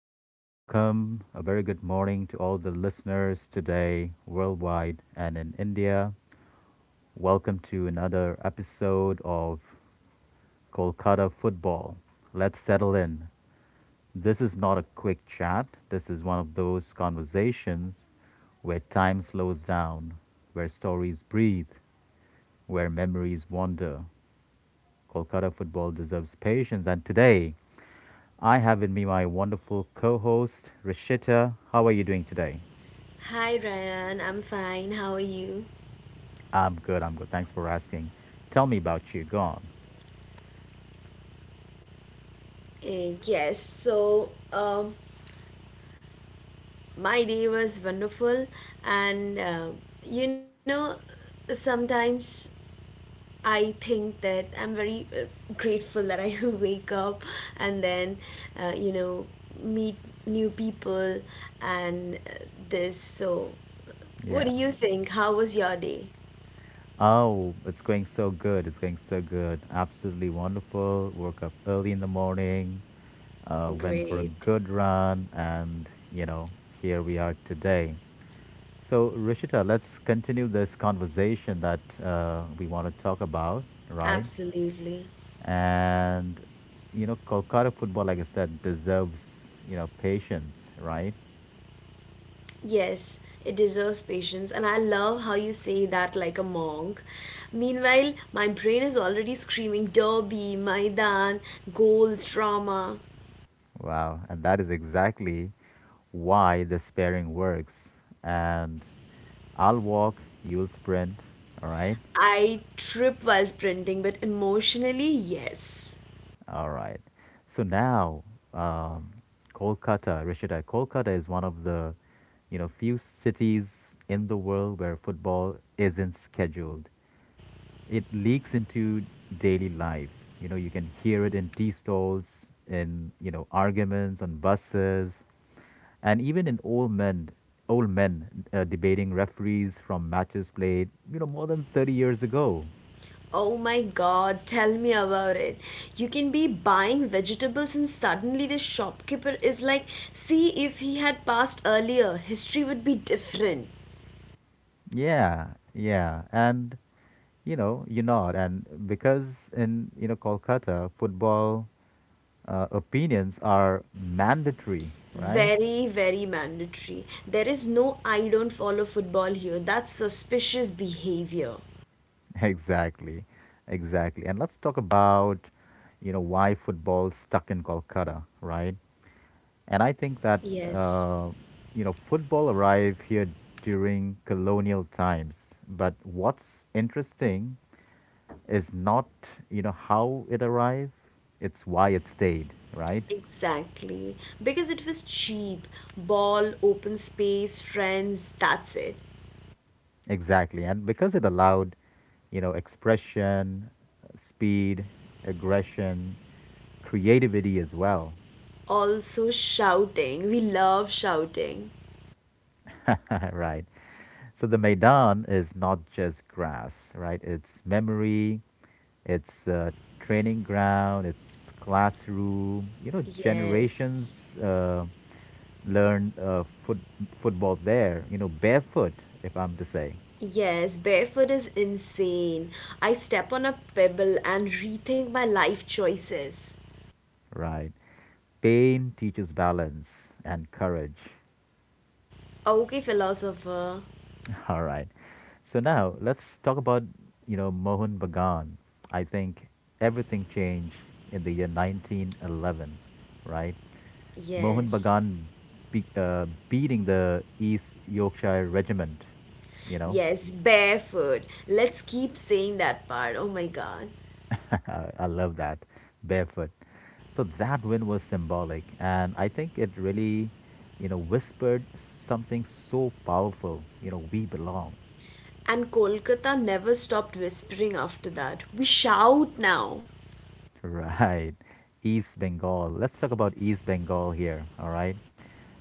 Hello and welcome. A very good morning to all the listeners today, worldwide and in India. Welcome to another episode of Kolkata Football. Let's settle in. This is not a quick chat, this is one of those conversations where time slows down, where stories breathe, where memories wander. Kolkata football deserves patience, and today I have with me my wonderful co host, Rishita. How are you doing today? Hi Ryan, I'm fine. How are you? I'm good. I'm good. Thanks for asking. Tell me about you. Go on. Uh, yes, so um, my day was wonderful, and you know, sometimes I think that I'm very grateful that I wake up and uh, you know, meet new people and this. So, what Yeah. do you think? How was your day? Oh, it's going so good. It's going so good. Absolutely wonderful. Woke up early in the morning, went for a Great, good run, and, you know, here we are today. So, Rishita, let's continue this conversation that we want to talk about, right? absolutely. And, you know, Kolkata football, like I said, deserves, you know, patience, right? Yes, it deserves patience, and I love how you say that like a monk. Meanwhile, my brain is already screaming Derby, Maidan, goals, drama. Wow, and that is exactly why the sparing works. And I'll walk, you'll sprint. All right, I trip while sprinting, but emotionally, yes. all right. So now, um, Kolkata, Rishita, Kolkata is one of the, you know, few cities in the world where football isn't scheduled. It leaks into daily life. You know, you can hear it in tea stalls, in you know, arguments on buses, and even in old men debating referees from matches played, you know, more than 30 years ago. Oh my god, tell me about it. You can be buying vegetables and suddenly the shopkeeper is like, see if he had passed earlier, history would be different. Yeah, yeah, and you know you nod, and because in, you know, Kolkata football, opinions are mandatory, right? Very, very mandatory. There is no I don't follow football here. That's suspicious behavior. exactly, exactly. And let's talk about, you know, why football stuck in Kolkata, right? And I think that, Yes, uh, you know, football arrived here during colonial times. But what's interesting is not, you know, how it arrived, it's why it stayed, right? exactly. Because it was cheap. Ball, open space, friends, that's it. Exactly. And because it allowed, you know, expression, speed, aggression, creativity as well, Also, shouting. We love shouting. right? So the Maidan is not just grass, right? It's memory, it's training ground, it's classroom. You know, Yes. generations learn football there, you know, barefoot, if I'm to say, Yes, barefoot is insane. I step on a pebble and rethink my life choices. right? Pain teaches balance and courage. Okay, philosopher. All right. So now let's talk about, you know, Mohun Bagan. I think everything changed in the year 1911, right? Mohun Yes. Bagan beating the East Yorkshire Regiment. You know, Yes, barefoot. Let's keep saying that part. Oh my god. I love that barefoot. So that win was symbolic, and I think it really, you know, whispered something so powerful. You know, we belong, And Kolkata never stopped whispering after that. We shout now. right? East Bengal. Let's talk about East Bengal here. All right.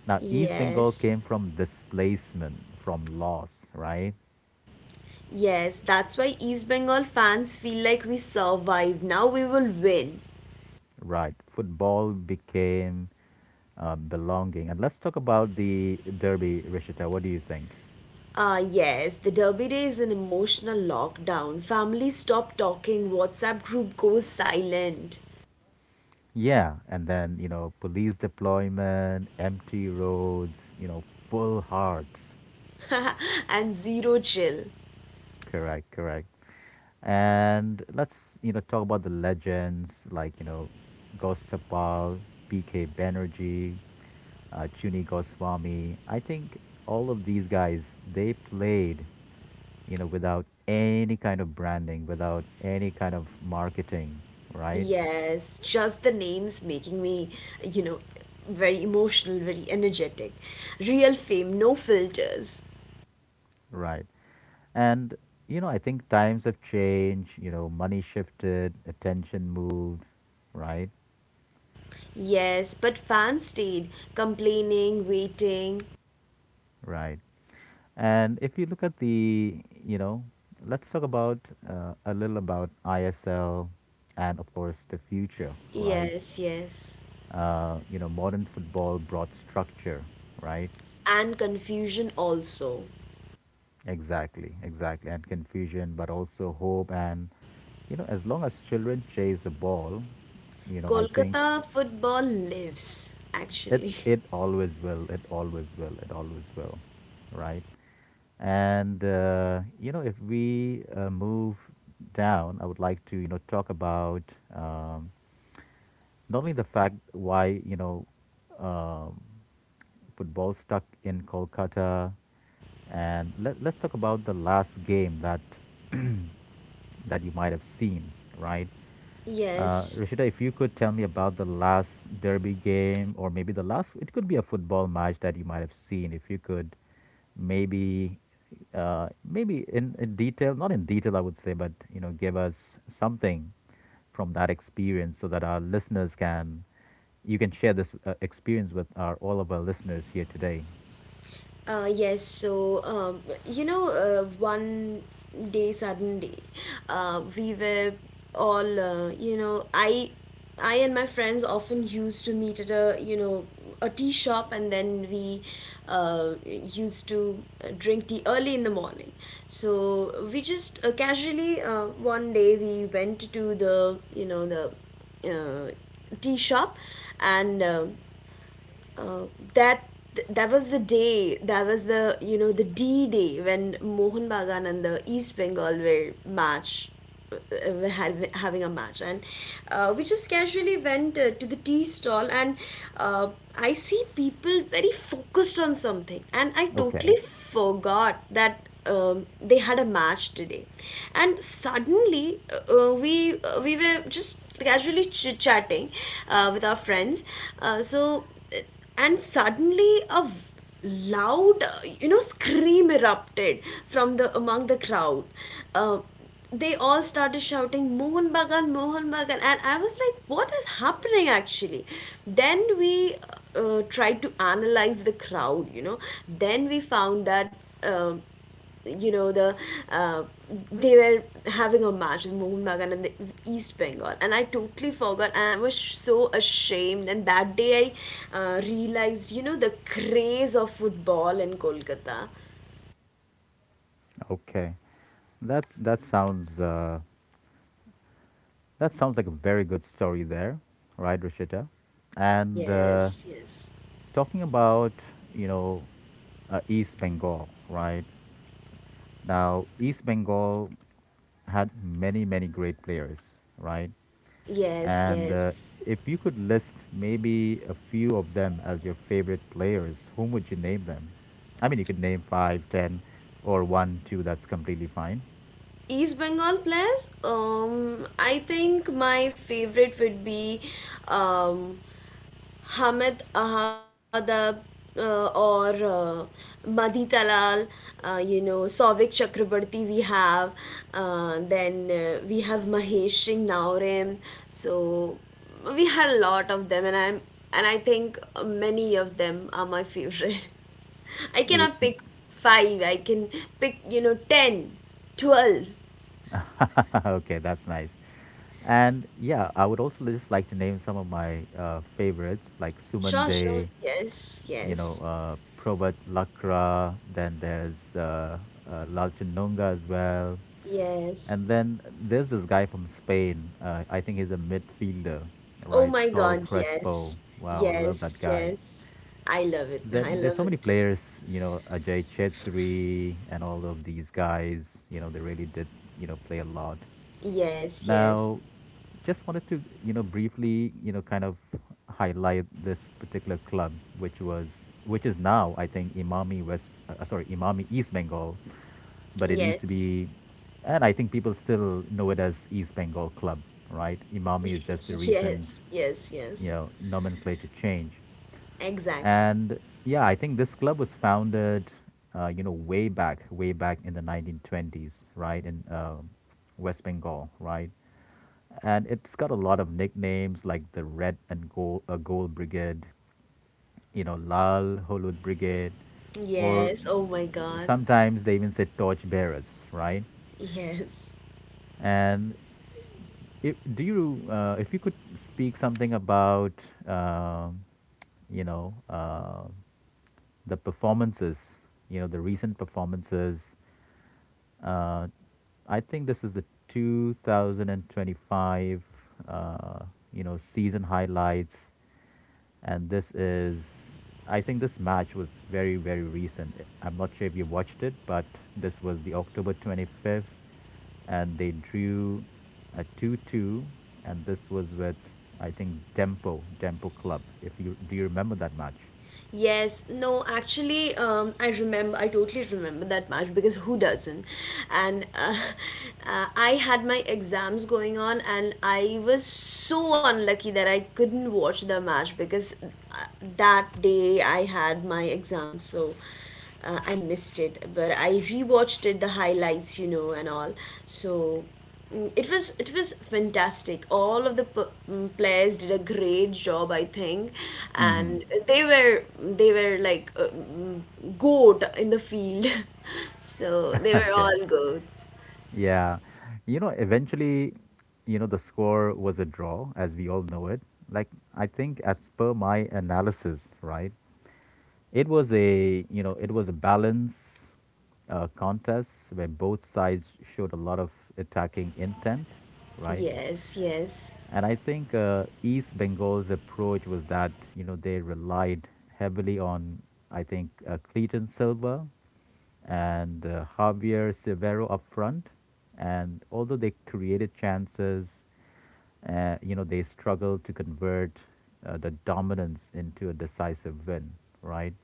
Now, East Bengal Yes. came from displacement, from loss, right? Yes, that's why East Bengal fans feel like we survived. Now we will win. Right. Football became belonging. And let's talk about the Derby, Rishita. What do you think? Ah, yes, the Derby Day is an emotional lockdown. Families stop talking, WhatsApp group goes silent, Yeah, and then, you know, police deployment, empty roads, you know, full hearts. and zero chill. Correct, correct. And let's, you know, talk about the legends like, you know, Ghost BK Banerjee, Chuni Goswami. I think all of these guys, they played, you know, without any kind of branding, without any kind of marketing, right? Yes, just the names making me, you know, very emotional, very energetic. Real fame, no filters. Right. And, you know, I think times have changed, you know, money shifted, attention moved, right? Yes, but fans stayed, complaining, waiting. Right. And if you look at the, you know, let's talk about a little about ISL and, of course, the future, right? Yes, yes. You know, modern football brought structure, right? And confusion also. Exactly, exactly. And confusion, but also hope. And, you know, as long as children chase the ball, you know, I think. Kolkata football lives, It actually. it always will. It always will. It always will, right? And you know, if we move down, I would like to, you know, talk about um, not only the fact why, you know, um, football stuck in Kolkata, and let's talk about the last game that that you might have seen, right? Yes. Rashida, if you could tell me about the last derby game, or maybe the last, it could be a football match that you might have seen. If you could, maybe, in detail, not in detail, I would say, but you know, give us something from that experience so that our listeners can you can share this experience with our all of our listeners here today. One day, sudden day, we were all, I and my friends often used to meet at a tea shop, and then we used to drink tea early in the morning. So we just casually one day we went to the, uh, tea shop, and. Uh, that that was the day. That was the D day when Mohun Bagan and the East Bengal were match, were having a match, and we just casually went to the tea stall, and uh, I see people very focused on something, and I Okay. totally forgot that they had a match today. And suddenly we were just casually chit chatting with our friends, uh, so uh, and suddenly a loud scream erupted from the among the crowd. uh, they all started shouting Mohan Bagan, Mohan Bagan, and I was like, what is happening actually? Then we tried to analyze the crowd, then we found that you know the uh, they were having a match with Mohan Bagan and the East Bengal, and I totally forgot, and I was so ashamed. And that day I realized, you know, the craze of football in Kolkata. Okay, that that sounds like a very good story there, right Rishita? And Yes, yes, talking about, you know, East Bengal, right? Now East Bengal had many, many great players, right? yes, And yes. if you could list maybe a few of them as your favorite players, whom would you name them? I mean, you could name five, ten, or one, two. That's completely fine. East Bengal players, I think my favorite would be um Hamid Ahadab, or Madhi Talal, Souvik Chakrabarti we have, then we have Mahesh Singh Naurim. So we had a lot of them, and I think many of them are my favorite. I Or- cannot pick five. I can pick you know ten, 12. okay, that's nice. And yeah, I would also just like to name some of my favorites, like Suman Sure, sure. Day, Yes, you know, yes, Probat Lakra. Then there's Lalchun Nonga as well. yes. And then there's this guy from Spain. I think he's a midfielder, Oh right? my Saul God, Crespo. yes. Wow, I love that Yes, guy. yes. I love it. Then I there's love so many it. players, you know, Ajay Chetri and all of these guys, you know, they really did, you know, play a lot. Yes, yes. Now, just wanted to, you know, briefly, you know, kind of highlight this particular club, which was, which is now, I think, Imami West, sorry, Imami East Bengal, but it used to Yes. be, and I think people still know it as East Bengal Club, right? Imami is just a recent, Yes, yes, you yes. know, nomenclature change, Exactly. and yeah, I think this club was founded, you know, way back in the 1920s, right, in West Bengal, right? And it's got a lot of nicknames like the Red and Gold, Gold Brigade, you know, Lal Holud Brigade, or Yes. Oh my God. sometimes they even say Torch Bearers, right? Yes. And if, if you could speak something about, um you know, the performances, you know, the recent performances, uh, I think this is the 2025, uh, you know, season highlights. And this is, I think this match was very, very recent. I'm not sure if you watched it, but this was the October 25th, and they drew a 2-2, and this was with, I think, Dempo Club. If you do you remember that match? Yes, no, actually, I remember, I totally remember that match because who doesn't? And I had my exams going on, and I was so unlucky that I couldn't watch the match because that day I had my exams. So, I missed it, but I rewatched it, the highlights, you know, and all. So it was fantastic. All of the players did a great job, I think, and they were like goat in the field. So they were Okay. all goats. Yeah. You know, eventually, you know, the score was a draw, as we all know it. Like, I think, as per my analysis, right, it was a, you know, it was a balance contest where both sides showed a lot of attacking intent, right? Yes, yes. And I think East Bengal's approach was that, you know, they relied heavily on, I think, Cleiton Silva and Javier Severo up front. And although they created chances, you know, they struggled to convert the dominance into a decisive win, right?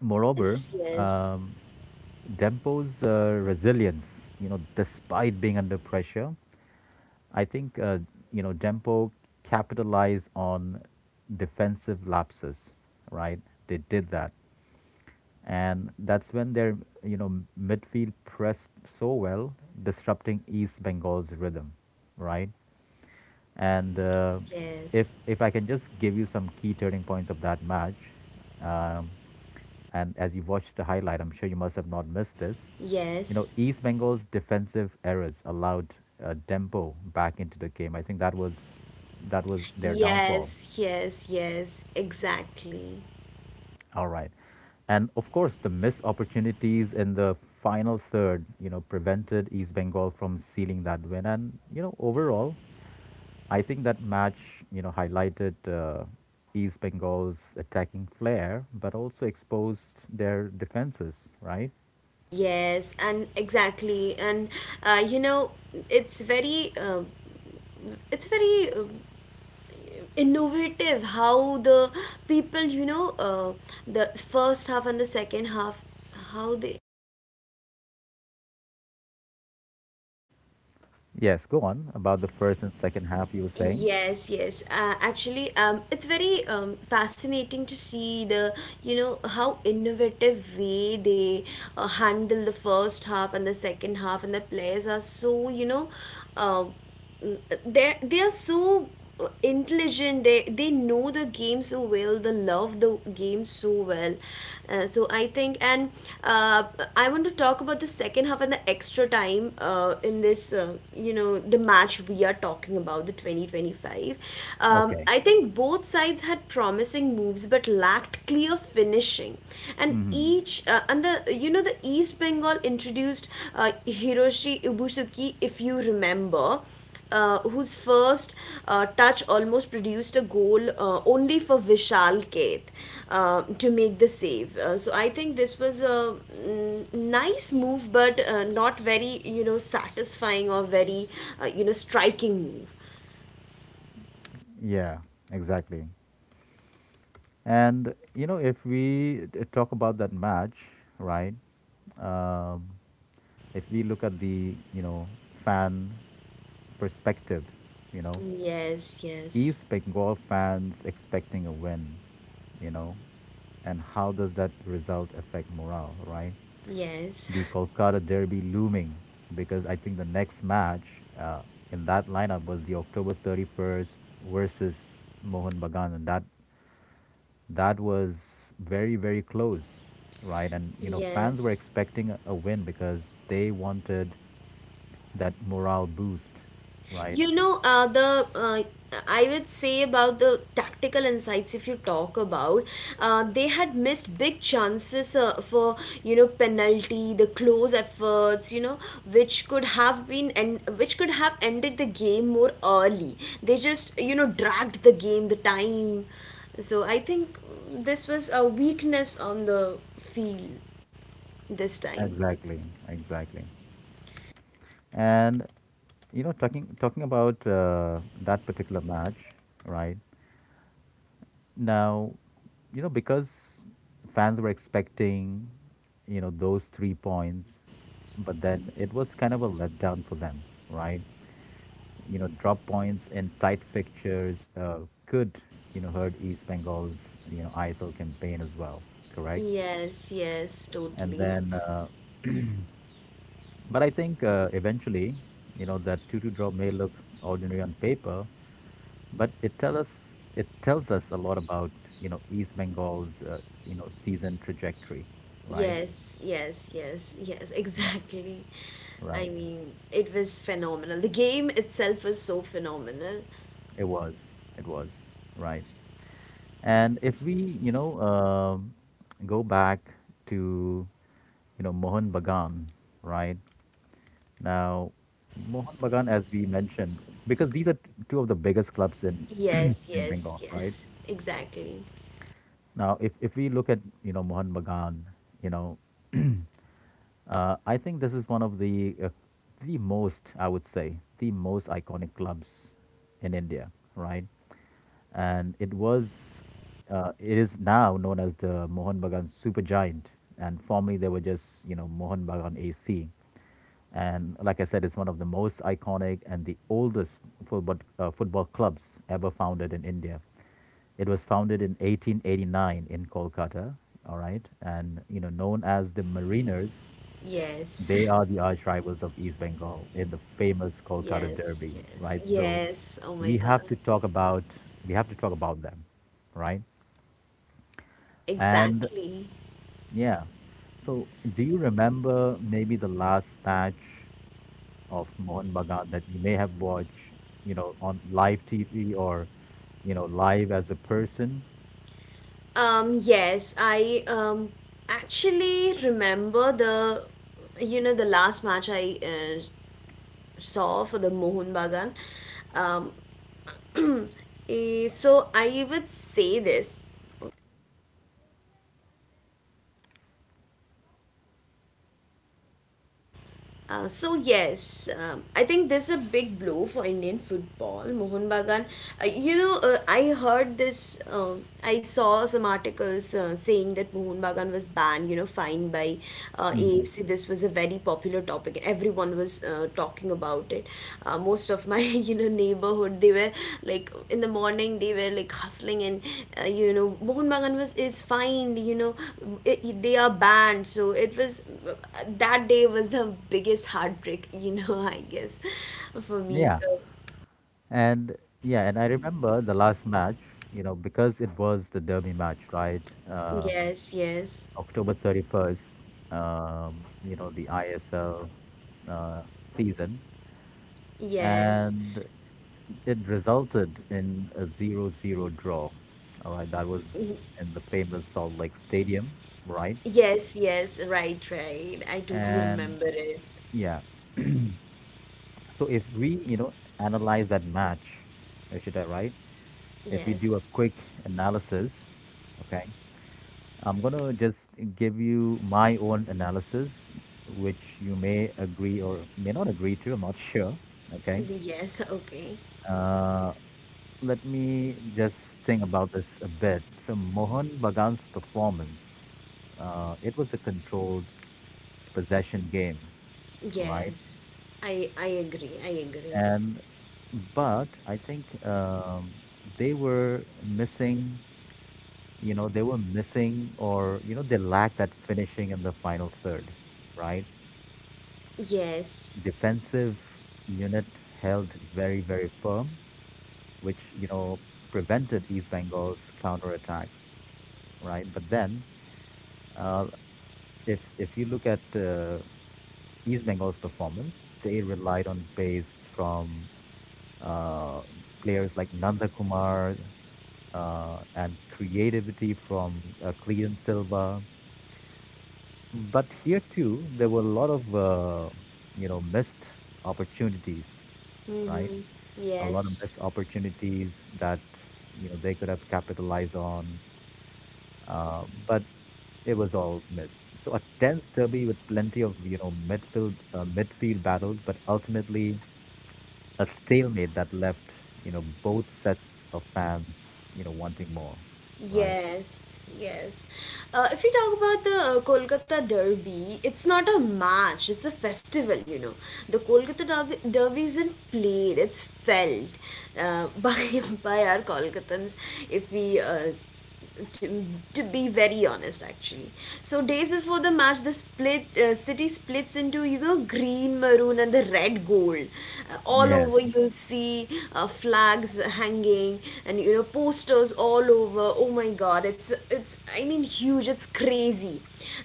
Moreover, Yes, yes, um, Dempo's resilience, you know, despite being under pressure, I think, you know, Dempo capitalized on defensive lapses, right? They did that. And that's when their, you know, midfield pressed so well, disrupting East Bengal's rhythm, right? And yes, if I can just give you some key turning points of that match, um, and as you watched the highlight, I'm sure you must have not missed this. You know, yes, East Bengal's defensive errors allowed Dempo back into the game. I think that was their downfall. yes, yes, yes, exactly. All right, and of course the missed opportunities in the final third, you know, prevented East Bengal from sealing that win. And you know, overall, I think that match, you know, highlighted East Bengal's attacking flair, but also exposed their defenses, right? Yes, and exactly, uh, you know, it's it's very innovative how the people, the first half and the second half, how they. Yes. Go on about the first and second half. You were saying. Yes, yes. It's very fascinating to see the, how innovative way they handle the first half and the second half, and the players are so, uh, they are so intelligent. They know the game so well, they love the game so well. So I think and uh, I want to talk about the second half and the extra time in this, the match we are talking about, the 2025. Okay. I think both sides had promising moves but lacked clear finishing, and Mm-hmm. each and the you know the East Bengal introduced uh, Hiroshi Ibusuki, if you remember, whose first touch almost produced a goal, only for Vishal Keth to make the save. So I think this was a nice move, but not very, you know, satisfying or very striking move. Yeah. Exactly. And you know, if we talk about that match, right? Um, if we look at the, you know, fan perspective, you know, Yes, yes, East Bengal fans expecting a win, you know, and how does that result affect morale, right? yes, The Kolkata derby looming because I think the next match in that lineup was the October 31st versus Mohun Bagan, and that was very, very close, right? And you know, fans were yes. expecting a win because they wanted that morale boost, right? You know, the I would say about the tactical insights. If you talk about, they had missed big chances for penalty, the close efforts, you know, which could have been and which could have ended the game more early. They just, you know, dragged the game, the time. So I think this was a weakness on the field this time. Exactly, exactly. And you know, talking about that particular match, right? Now, you know, because fans were expecting, you know, those 3 points, but then it was kind of a letdown for them, right? You know, drop points in tight fixtures could, you know, hurt East Bengal's, you know, ISL campaign as well, correct? Yes, yes, And totally. then, but I think eventually, you know, that 2-2 draw may look ordinary on paper, but it tells us a lot about, you know, East Bengal's you know, season trajectory, right? Yes, yes, yes, yes, Yeah, exactly. I right. mean, it was phenomenal. The game itself was so phenomenal. It was. It was, right. And if we, you know, go back to, you know, Mohun Bagan, right? Now, Mohun Bagan, as we mentioned, because these are two of the biggest clubs in in Yes, yes, Bengal, right? yes, exactly. Now, if we look at Mohun Bagan, you know I think this is one of the most, I would say, the most iconic clubs in India, right? And it is now known as the Mohun Bagan Supergiant, and formerly they were just, you know, Mohun Bagan AC. And like I said, it's one of the most iconic and the oldest football clubs ever founded in India. It was founded in 1889 in Kolkata, all right, and you know known as the Mariners. Yes, They are the arch rivals of East Bengal in the famous Kolkata yes, Derby, yes, right? So yes. Oh my we have God. to talk about we have to talk about them, right? And Exactly. yeah. So do you remember maybe the last match of Mohan Bagan that you may have watched, you know, on live TV or, you know, live as a person? Yes, I actually remember the last match I saw for the Mohun Bagan. Um, so I would say this. Yes, I think this is a big blow for Indian football. Mohun Bagan, I heard this. um I saw some articles saying that Mohun Bagan was banned. You know, fined by AFC. This was a very popular topic. Everyone was talking about it. Most of my you know neighborhood, they were like, in the morning they were like hustling, and Mohan Bagan was is fined, you know, they are banned. So it was that day was the biggest heartbreak, you know, I guess for me. Yeah. So, And yeah, and I remember the last match, you know, because it was the derby match, right? Yes, yes, October 31st, you know, the ISL uh, season, yes. and it resulted in a 0-0 draw. All right, that Y- was in the famous Salt Lake Stadium, right? yes, yes, right, right, I totally remember And it. yeah, so if we, you know, analyze that match, Rishita, right? If we do Yes, a quick analysis, okay, I'm going to just give you my own analysis, which you may agree or may not agree to. I'm not sure. Okay. yes, okay. Uh, let me just think about this a bit. So, Mohan Bagan's performance, it was a controlled possession game, right? Yes, I I agree, I agree. And but I think they were missing, you know, they were missing or, you know, they lacked that finishing in the final third, right? Yes. Defensive unit held very, very firm, which, you know, prevented East Bengal's counterattacks, right? But then, uh, if you look at East Bengal's performance, they relied on pace from uh, players like Nanda Kumar and creativity from Clean Silva, but here too, there were a lot of you know missed opportunities, right? Mm-hmm. A lot of Yes. missed opportunities that you know they could have capitalized on, but it was all missed. So a tense derby with plenty of you know midfield battles, but ultimately a stalemate that left you know both sets of fans you know wanting more, right? Yes, yes. If you talk about the Kolkata Derby, it's not a match, it's a festival, you know. The Kolkata Derby, Derby isn't played, it's felt, by our Kolkatans, if we to, to be very honest, actually. So days before the match the split, city splits into, you know, green maroon and the red gold. All over Yes, you'll see flags hanging and, you know, posters all over. Oh my god, it's I mean huge, it's crazy.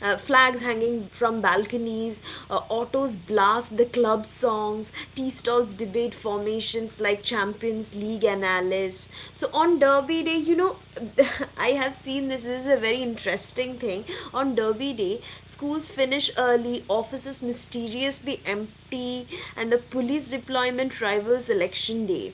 Flags hanging from balconies, autos blast the club songs, tea stalls debate formations like Champions League, League and so on Derby Day, you know, I have seen this. This is a very interesting thing. On Derby Day, schools finish early, offices mysteriously empty, and the police deployment rivals election day.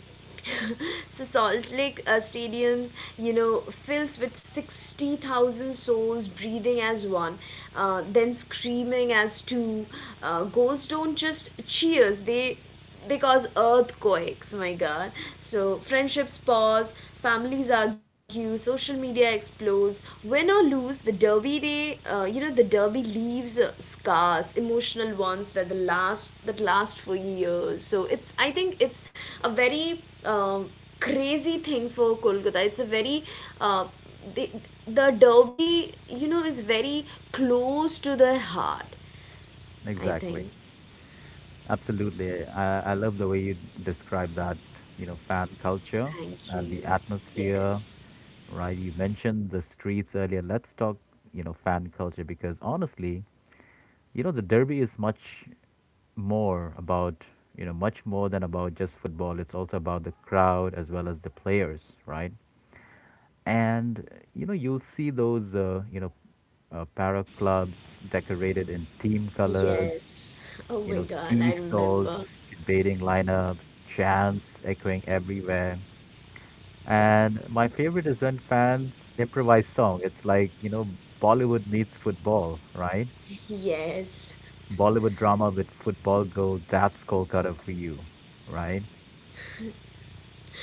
So Salt Lake stadiums, you know, fills with 60,000 souls breathing as one, then screaming as two. Goals don't just cheers; they cause earthquakes, my god. So friendships pause, families argue, social media explodes. Win or lose, the derby day, the derby leaves scars, emotional ones, that the last that last for years. So it's, I think, it's a very crazy thing for Kolkata. It's a very uh, the, the derby, you know, is very close to the heart, I exactly. think. Absolutely. I love the way you describe that, you know, fan culture Thank you. and the atmosphere, Yes. right? You mentioned the streets earlier. Let's talk, you know, fan culture because honestly, you know, the derby is much more about, you know, much more than about just football. It's also about the crowd as well as the players, right? And, you know, you'll see those para clubs decorated in team colors, Yes. Oh you my know, God, I tea remember. stalls, debating lineups, chants echoing everywhere. And my favorite is when fans improvise song. It's like, you know, Bollywood meets football, right? Yes. Bollywood drama with football goal, that's Kolkata for you, right?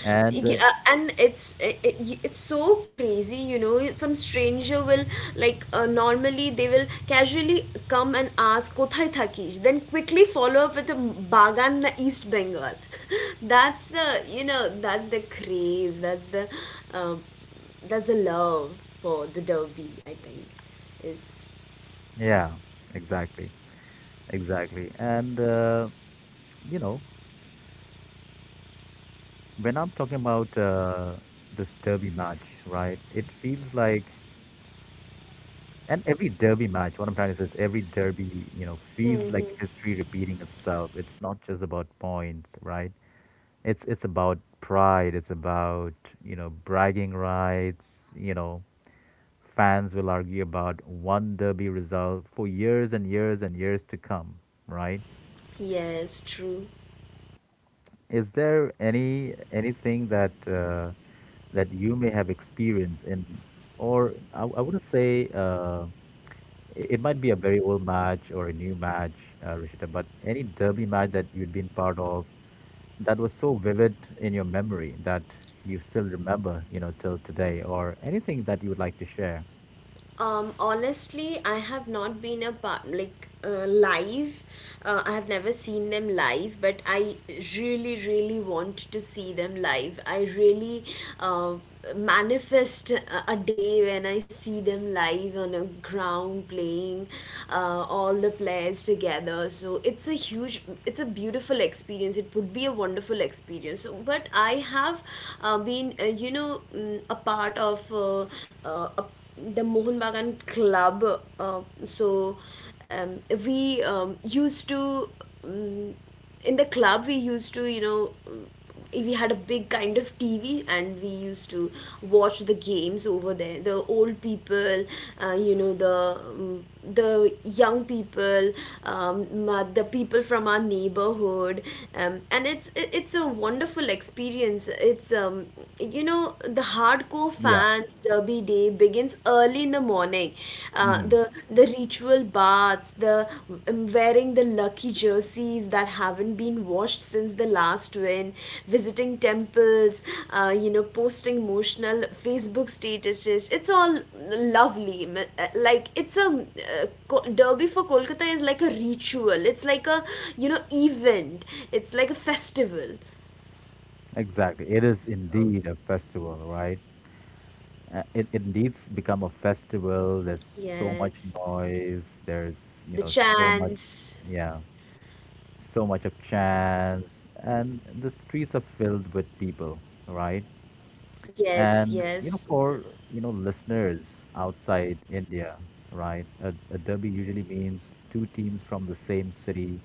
And Yeah, and it's, it's so crazy, you know. Some stranger will like, normally they will casually come and ask "Kothai thakish," then quickly follow up with a "Bagan na East Bengal." That's the, that's the craze. Um, that's the love for the Derby, I think is. yeah, exactly. Exactly. And, you know, when I'm talking about this derby match, right, it feels like And every derby match, what I'm trying to say is every derby, you know, feels like Hmm, history repeating itself. It's not just about points, right? It's about pride. It's about you know bragging rights. You know, fans will argue about one derby result for years and years and years to come, right? yes, true. Is there any anything that that you may have experienced in, or I wouldn't say. It might be a very old match or a new match, Rishita, but any derby match that you'd been part of that was so vivid in your memory that you still remember, you know, till today, or anything that you would like to share. Honestly, I have not been a part like, live. I have never seen them live, but I really, really want to see them live. I really uh, manifest a day when I see them live on a ground playing, all the players together. So it's a huge, it's a beautiful experience. It would be a wonderful experience. But I have been, a part of a the Mohun Bagan Club. We used to, um, in the club, we used to, we had a big kind of TV and we used to watch the games over there. The old people, the young people, the people from our neighborhood, and it's a wonderful experience. It's you know the hardcore Yeah, fans, derby day begins early in the morning. Uh, hmm the the ritual baths, the, wearing the lucky jerseys that haven't been washed since the last win, visiting temples, posting emotional Facebook statuses. It's all lovely. Like, derby for Kolkata is like a ritual, it's like a, event, it's like a festival. exactly. It is indeed a festival, right? It needs become a festival. There's so much Yes. noise. There's, you The know, so much, chants. yeah, so much of chants. And the streets are filled with people, right? Yes, And you know, yes, for you know listeners outside India, right? A derby usually means two teams from the same city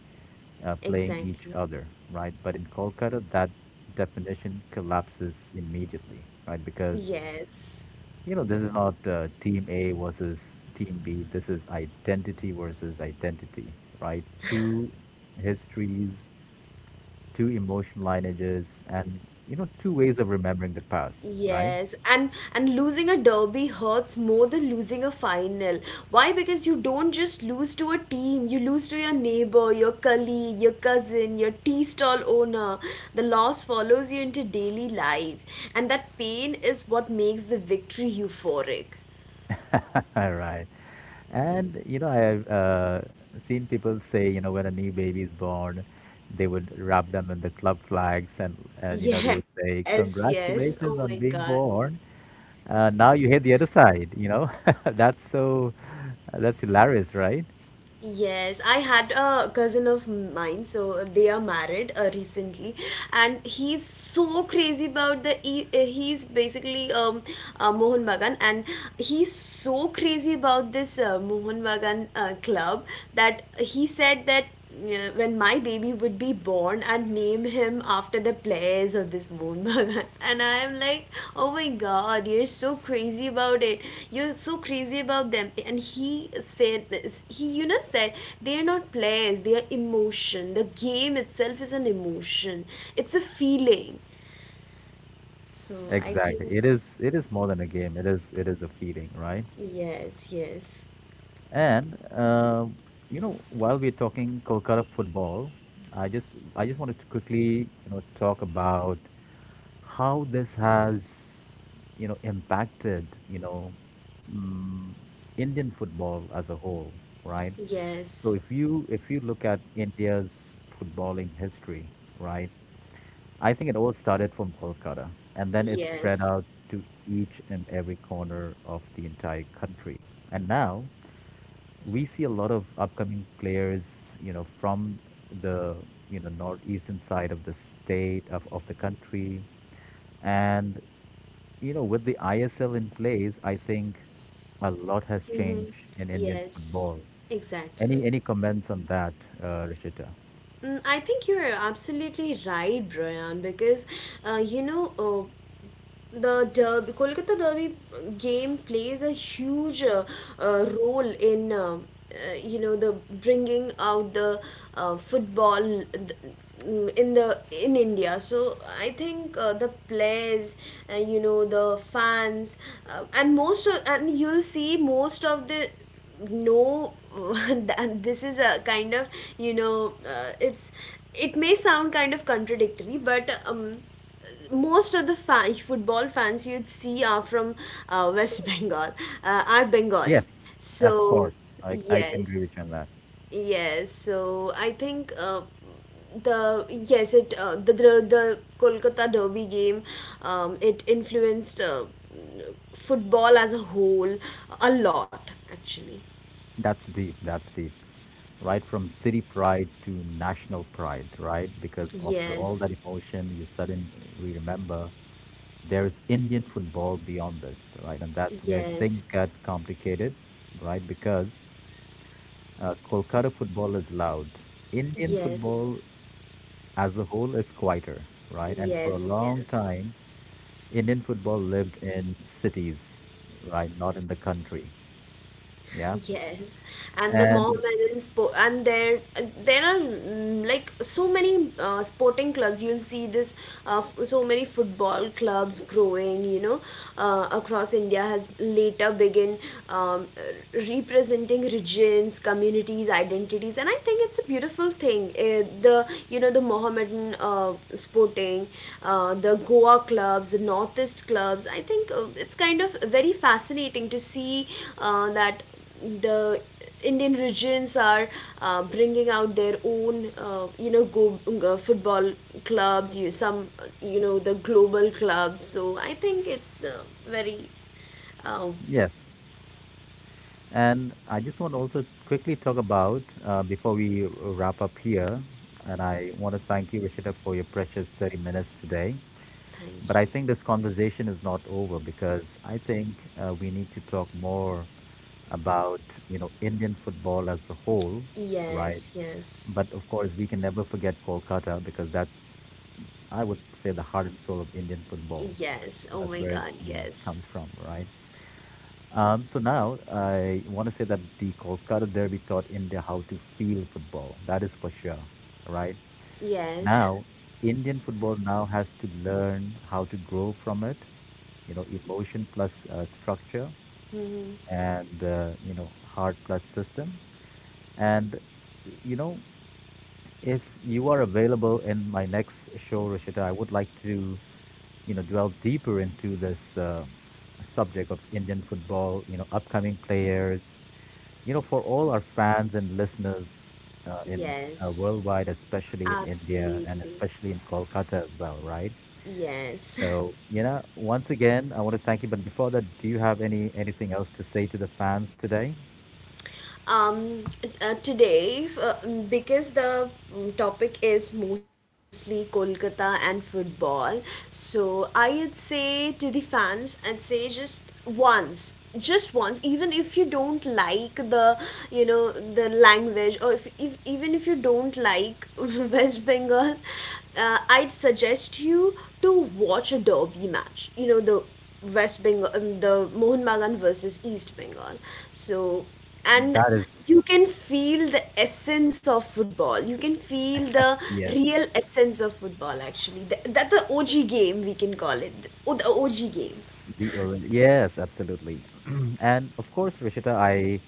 playing exactly. each other, right? But in Kolkata, that definition collapses immediately, right? Because Yes. you know this is not team A versus team B. This is identity versus identity, right? Two histories, two emotion lineages, and you know two ways of remembering the past, right? Yes, and losing a derby hurts more than losing a final. Why? Because you don't just lose to a team, you lose to your neighbor, your colleague, your cousin, your tea stall owner. The loss follows you into daily life, and that pain is what makes the victory euphoric. All right. And, you know, I've seen people say, you know, when a new baby is born, they would wrap them in the club flags, and you know, they would Yes, say, yes. Oh my Congratulations God. on being born. Now you hit the other side, you know. That's so, that's hilarious, right? Yes, I had a cousin of mine, so they are married recently, and he's so crazy about the. He's basically Mohan Bagan, and he's so crazy about this Mohan Bagan club that he said that, yeah, when my baby would be born and name him after the players of this moon. And I'm like, oh my god, you're so crazy about it, you're so crazy about them. And he said, he said they're not players, they are emotion, the game itself is an emotion, it's a feeling. So I think, Exactly. It is more than a game. It is a feeling, right? yes, yes, And you know, while we're talking Kolkata football, I just I just wanted to quickly you know talk about how this has you know impacted mm Indian football as a whole, right? So yes, if you look at India's footballing history, right, I think it all started from Kolkata, and then it spread yes, out to each and every corner of the entire country, and now we see a lot of upcoming players, you know, from the you know northeastern side of of the country, and you know, with the ISL in place, I think a lot has mm-hmm. changed in Indian yes, football. Any exactly. any comments on that, Rishita? Mm, I think you're absolutely right, Brian, because, uh, you know. Uh, the derby, Kolkata Derby game plays a huge role in, you know the bringing out the football in the in India. So I think the players, the fans, and most of, and you'll see most of the, no, that this is a kind of, it's, it may sound kind of contradictory, but most of the football fans you'd see are from West Bengal, are Bengali. Yes, of So, course. I can agree yes, with you on that. yes. So, I think, the yes, it, the Kolkata Derby game, it influenced football as a whole a lot, actually. That's deep. That's deep. Right from city pride to national pride, right? Because after all that Yes, emotion, you suddenly remember there is Indian football beyond this, right? And that's where yes, things get complicated, right? Because Kolkata football is loud. Indian yes, football as a whole is quieter, right? And for a yes, long yes. time, Indian football lived in cities, right? Not in the country. Yeah. Yes, and the mom And and sport and there are, mm, like so many sporting clubs. You'll see this, so many football clubs growing. You know, across India has later begin um, representing regions, communities, identities, and I think it's a beautiful thing. The you know the Mohammedan sporting, the Goa clubs, the Northeast clubs. I think it's kind of very fascinating to see that the Indian regions are bringing out their own, football clubs. You some, you know, the global clubs. So I think it's, very. Oh, yes, And I just want to also quickly talk about, before we wrap up here, and I want to thank you, Rishita, for your precious 30 minutes today. But thank you. I think this conversation is not over because I think we need to talk more about, you know, Indian football as a whole, right? Yes, yes, But of course, we can never forget Kolkata because that's, I would say, the heart and soul of Indian football. yes. Oh That's my where it, God, you know, comes yes, from, right? So now I want to say that the Kolkata Derby taught India how to feel football. That is for sure, right? yes. Now, Indian football now has to learn how to grow from it. You know, emotion plus structure, Mhm. and you know, heart plus system, and you know, if you are available in my next show, Rishita, I would like to, you know, dwell deeper into this subject of Indian football. You know, upcoming players. You know, for all our fans and listeners in Yes. worldwide, especially in India and Absolutely, especially in Kolkata as well, right? yes. So, you know, once again, I want to thank you. But before that, do you have any anything else to say to the fans today? um, Today, because the, mm, topic is mostly Kolkata and football. So I'd say to the fans, I'd say just once, just once, even if you don't like the, language or if even if you don't like, West Bengal, I'd suggest you to watch a derby match. The West Bengal, the Mohun Bagan versus East Bengal. So, and That is you can feel the essence of football, you can feel the yes. real essence of football, actually. That the OG game, we can call it. Oh, the OG game. The orange. Yes, absolutely. And of course, Rishita, I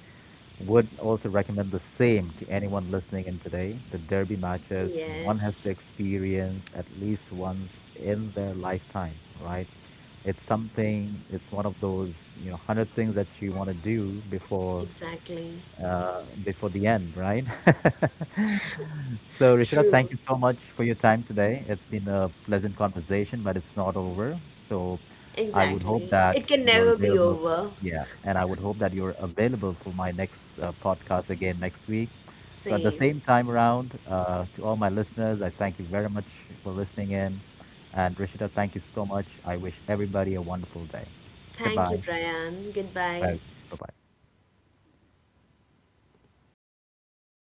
would also recommend the same to anyone listening in today. The derby matches one has to Yes, experience at least once in their lifetime, right? It's something, it's one of those, you know, 100 things that you want to do before exactly. Before the end, right? So, Richard, True, thank you so much for your time today. It's been a pleasant conversation, but it's not over. So, I would hope exactly, it that can you're never be available. over. Yeah, and I would hope that you're available for my next podcast again next week. So, at the Same. same time around, to all my listeners, I thank you very much for listening in. And, Rishita, thank you so much. I wish everybody a wonderful day. Thank Goodbye. you, Brian. Goodbye. Bye bye.